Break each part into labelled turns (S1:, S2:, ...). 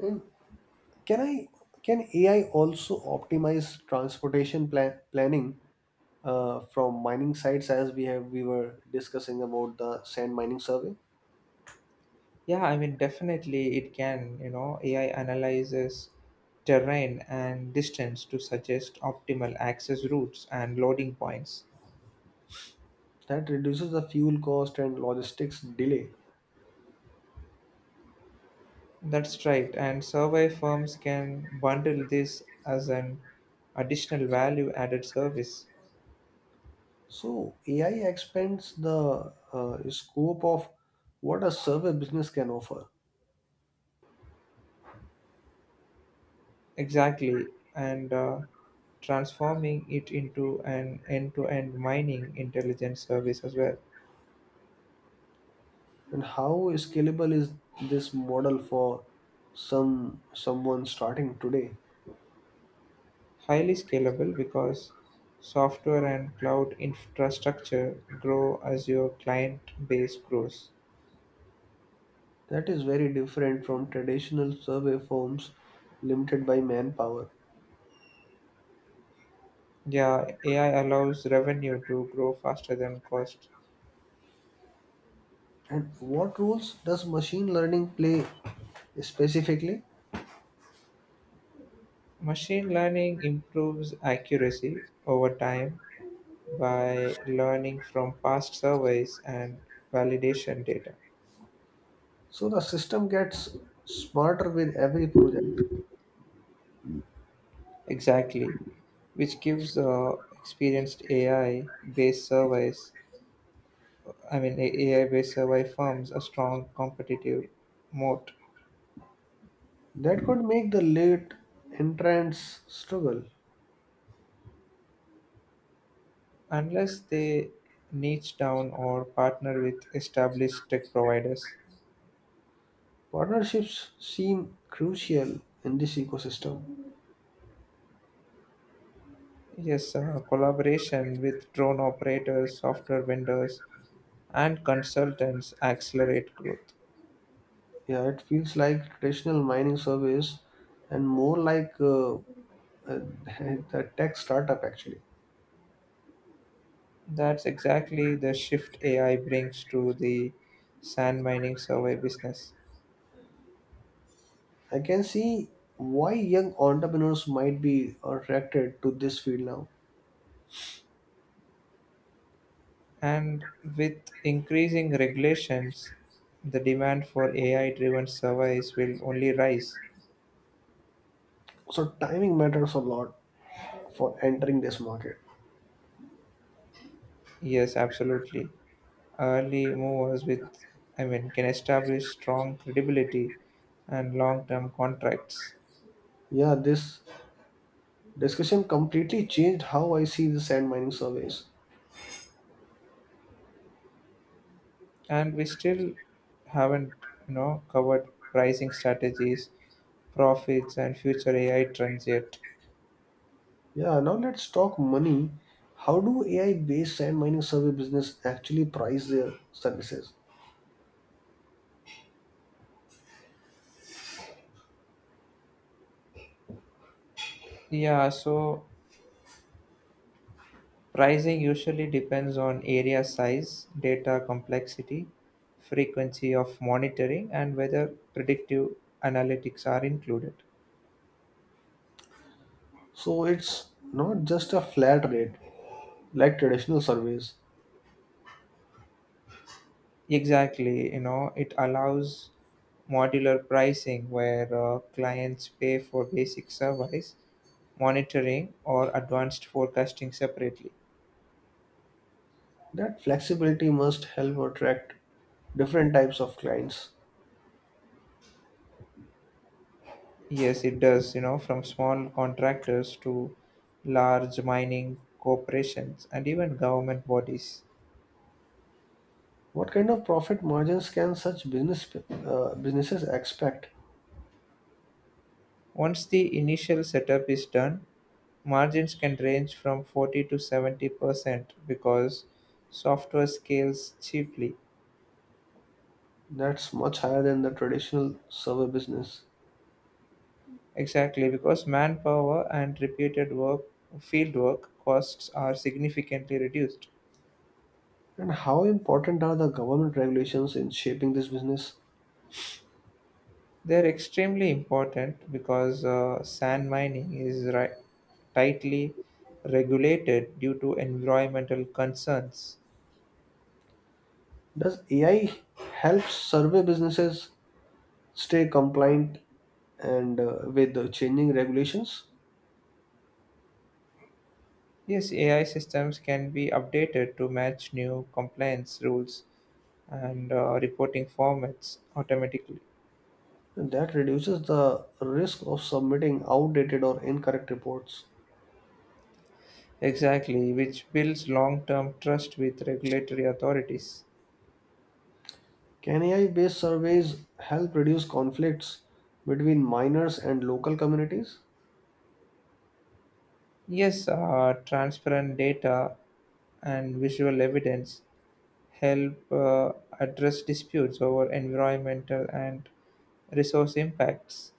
S1: Mm, Can I can AI also optimize transportation planning from mining sites as we were discussing about the sand mining survey?
S2: Yeah, I mean, definitely it can. You know, AI analyzes terrain and distance to suggest optimal access routes and loading points.
S1: That reduces the fuel cost and logistics delay.
S2: That's right. And survey firms can bundle this as an additional value added service.
S1: So AI expands the scope of what a survey business can offer,
S2: Exactly. And transforming it into an end to end mining intelligence service as well.
S1: and how scalable is this model for some someone starting today?
S2: Highly scalable because software and cloud infrastructure grow as your client base grows.
S1: That is very different from traditional survey firms limited by manpower.
S2: Yeah, AI allows revenue to grow faster than cost.
S1: And what roles does machine learning play specifically?
S2: Machine learning improves accuracy over time by learning from past surveys and validation data.
S1: So the system gets smarter with every project.
S2: Exactly, which gives experienced AI based surveys, AI based survey firms a strong competitive moat.
S1: That could make the late entrants struggle.
S2: Unless they niche down or partner with established tech providers.
S1: Partnerships seem crucial in this ecosystem.
S2: Yes, collaboration with drone operators, software vendors, and consultants accelerate growth.
S1: Yeah, it feels like traditional mining surveys and more like the tech startup actually.
S2: That's exactly the shift AI brings to the sand mining survey business.
S1: I can see why young entrepreneurs might be attracted to this field now.
S2: And with increasing regulations, the demand for AI driven surveys will only rise.
S1: So timing matters a lot for entering this market.
S2: Yes, absolutely. Early movers with can establish strong credibility and long-term contracts.
S1: Yeah, this discussion completely changed how I see the sand mining surveys.
S2: And we still haven't covered pricing strategies, profits and future AI trends yet.
S1: Yeah, now let's talk money. How do AI-based sand mining survey business actually price their services?
S2: Yeah, so pricing usually depends on area size, data complexity, frequency of monitoring, and whether predictive analytics are included.
S1: So it's not just a flat rate like traditional surveys.
S2: Exactly, it allows modular pricing where clients pay for basic service, monitoring, or advanced forecasting separately.
S1: That flexibility must help attract different types of clients.
S2: Yes, it does, from small contractors to large mining corporations and even government bodies.
S1: What kind of profit margins can such businesses expect?
S2: Once the initial setup is done, margins can range from 40 to 70% because software scales cheaply.
S1: That's much higher than the traditional server business.
S2: Exactly, because manpower and repeated work, field work costs are significantly reduced.
S1: And how important are the government regulations in shaping this business?
S2: They're extremely important because sand mining is tightly regulated due to environmental concerns.
S1: Does AI help survey businesses stay compliant and with the changing regulations?
S2: Yes, AI systems can be updated to match new compliance rules and reporting formats automatically.
S1: And that reduces the risk of submitting outdated or incorrect reports.
S2: Exactly, which builds long term trust with regulatory authorities.
S1: Can AI-based surveys help reduce conflicts between miners and local communities?
S2: Yes, transparent data and visual evidence help address disputes over environmental and resource impacts.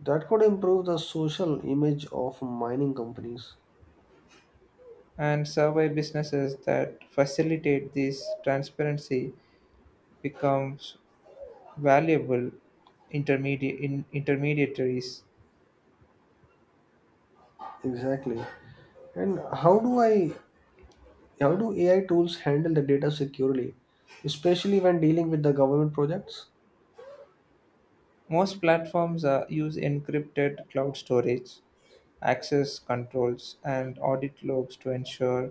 S1: That could improve the social image of mining companies.
S2: And survey businesses that facilitate this transparency becomes valuable intermediate in intermediaries.
S1: Exactly. And how do AI tools handle the data securely, especially when dealing with the government projects?
S2: Most platforms use encrypted cloud storage, access controls, and audit logs to ensure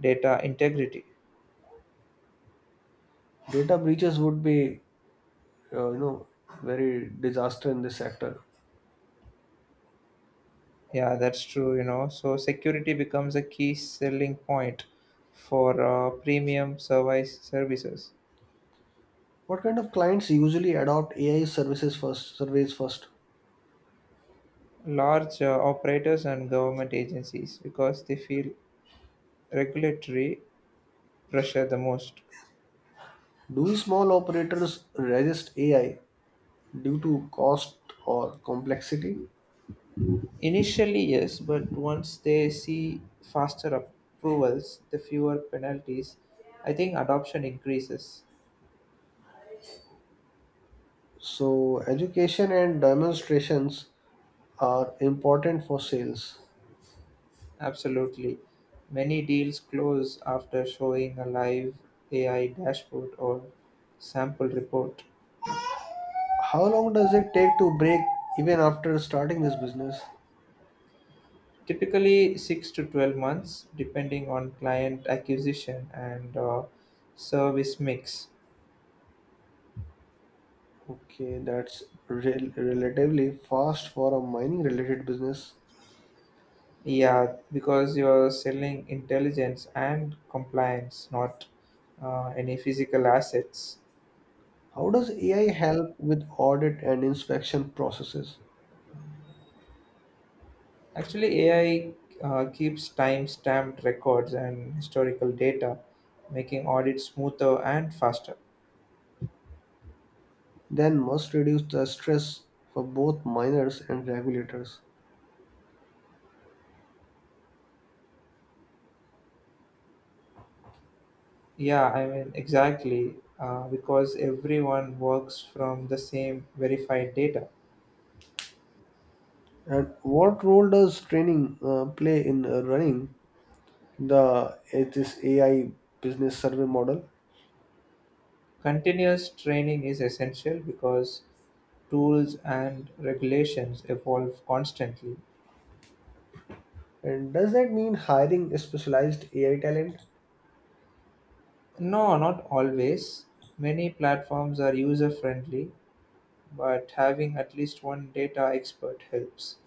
S2: data integrity.
S1: Data breaches would be uh, you know very disaster in this sector.
S2: Yeah, that's true, you know. So security becomes a key selling point for premium services.
S1: What kind of clients usually adopt AI services first surveys first?
S2: Large operators and government agencies because they feel regulatory pressure the most.
S1: Do small operators resist AI due to cost or complexity?
S2: Initially, yes, but once they see faster approvals, the fewer penalties, I think adoption increases.
S1: So, education and demonstrations are important for sales.
S2: Absolutely. Many deals close after showing a live AI dashboard or sample report.
S1: How long does it take to break even after starting this business?
S2: Typically six to 12 months, depending on client acquisition and service mix.
S1: Okay, that's relatively fast for a mining related business.
S2: Yeah, because you're selling intelligence and compliance, not any physical assets.
S1: How does AI help with audit and inspection processes?
S2: Actually, AI keeps time stamped records and historical data, making audits smoother and faster.
S1: Then must reduce the stress for both miners and regulators.
S2: Yeah, I mean, exactly, because everyone works from the same verified data.
S1: And what role does training play in running the this AI business survey model?
S2: Continuous training is essential because tools and regulations evolve constantly.
S1: And does that mean hiring specialized AI talent?
S2: No, not always. Many platforms are user friendly, but having at least one data expert helps.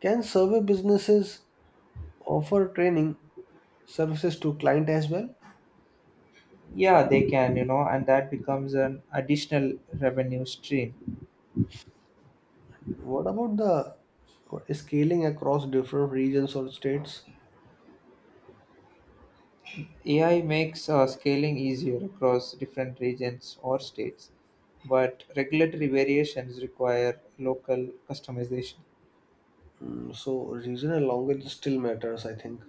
S1: Can survey businesses offer training services to client as well?
S2: Yeah, they can, you know, and that becomes an additional revenue stream.
S1: What about the scaling across different regions or states?
S2: AI makes scaling easier across different regions or states, but regulatory variations require local customization.
S1: Mm, so regional language still matters, I think.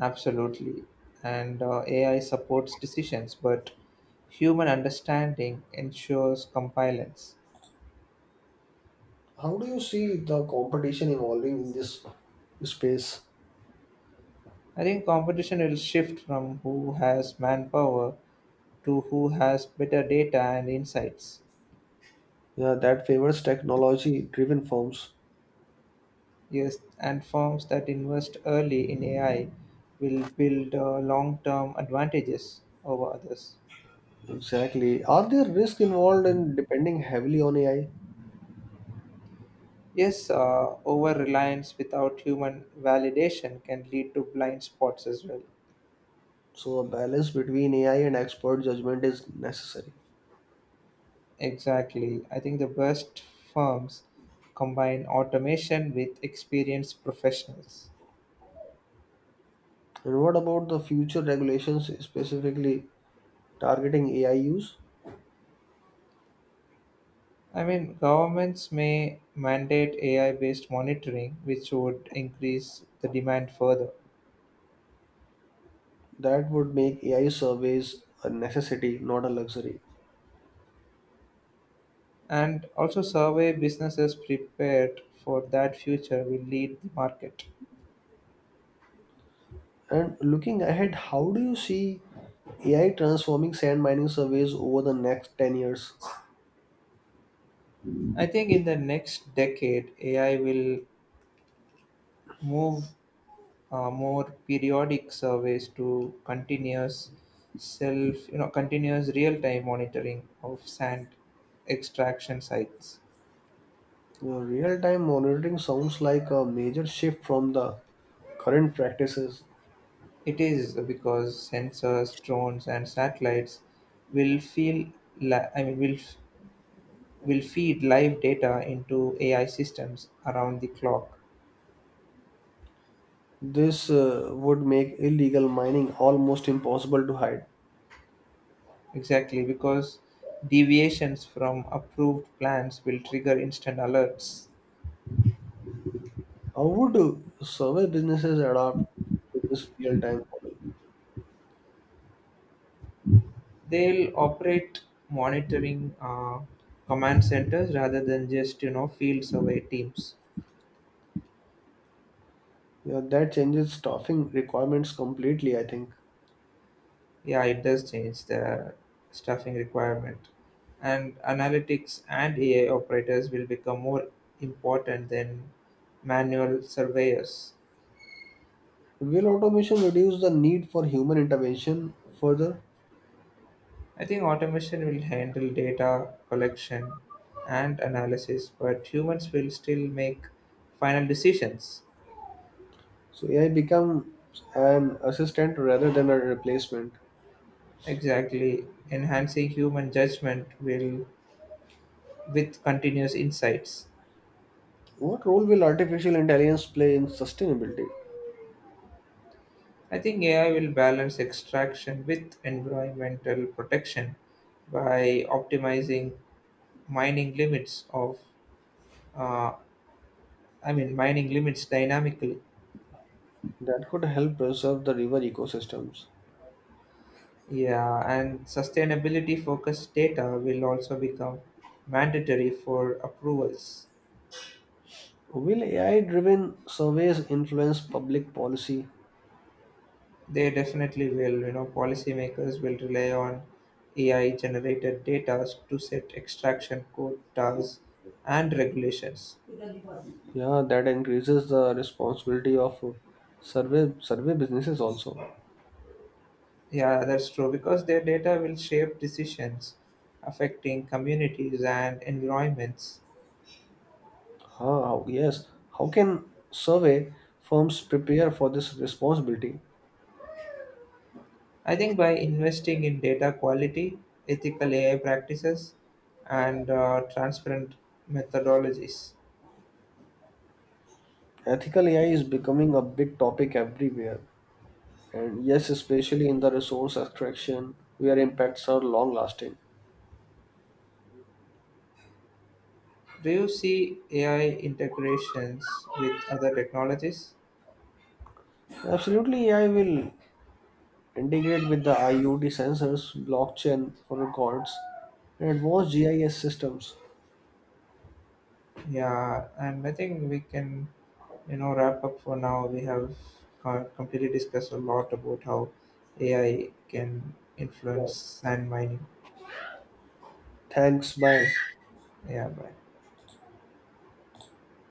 S2: Absolutely. And AI supports decisions, but human understanding ensures compliance.
S1: How do you see the competition evolving in this space?
S2: I think competition will shift from who has manpower to who has better data and insights.
S1: Yeah, that favors technology-driven firms?
S2: Yes, and firms that invest early in AI will build long term advantages over others.
S1: Exactly. Are there risks involved in depending heavily on AI?
S2: Yes, over reliance without human validation can lead to blind spots as well.
S1: So a balance between AI and expert judgment is necessary.
S2: Exactly. I think the best firms combine automation with experienced professionals.
S1: And what about the future regulations specifically targeting AI use?
S2: I mean, governments may mandate AI based monitoring, which would increase the demand further.
S1: That would make AI surveys a necessity, not a luxury.
S2: And also, survey businesses prepared for that future will lead the market.
S1: And looking ahead, how do you see AI transforming sand mining surveys over the next 10 years?
S2: I think in the next decade, AI will move more periodic surveys to continuous self you know continuous real-time monitoring of sand extraction sites.
S1: Real-time monitoring sounds like a major shift from the current practices.
S2: It is because sensors drones and satellites will feel li- I mean will f- will feed live data into AI systems around the clock.
S1: This would make illegal mining almost impossible to hide.
S2: Exactly because deviations from approved plans will trigger instant alerts.
S1: How would survey businesses adapt to this real-time model?
S2: They'll operate monitoring command centers rather than just field survey teams.
S1: Yeah, that changes staffing requirements completely, I think.
S2: Yeah, it does change the staffing requirement and analytics and AI operators will become more important than manual surveyors.
S1: Will automation reduce the need for human intervention further?
S2: I think automation will handle data collection and analysis but humans will still make final decisions.
S1: So AI becomes an assistant rather than a replacement.
S2: Exactly, enhancing human judgment will with continuous insights.
S1: What role will artificial intelligence play in sustainability?
S2: I think AI will balance extraction with environmental protection by optimizing mining limits of, uh, I mean, mining limits dynamically.
S1: That could help preserve the river ecosystems.
S2: Yeah, and sustainability focused data will also become mandatory for approvals.
S1: Will AI driven surveys influence public policy?
S2: They definitely will, you know, policymakers will rely on AI generated data to set extraction quotas and regulations.
S1: Yeah, that increases the responsibility of survey businesses also.
S2: Yeah, that's true because their data will shape decisions affecting communities and environments.
S1: Huh, how can survey firms prepare for this responsibility?
S2: I think by investing in data quality, ethical AI practices, and transparent methodologies.
S1: Ethical AI is becoming a big topic everywhere, and yes, especially in the resource extraction where impacts are long lasting.
S2: Do you see AI integrations with other technologies?
S1: Absolutely, AI will integrate with the IoT sensors, blockchain for records, and advanced GIS systems.
S2: Yeah, and I think we can, you know, wrap up for now. We have completely discussed a lot about how AI can influence
S1: Yes.
S2: sand mining.
S1: Thanks.
S2: Thank
S1: Bye.
S2: you. Yeah, bye.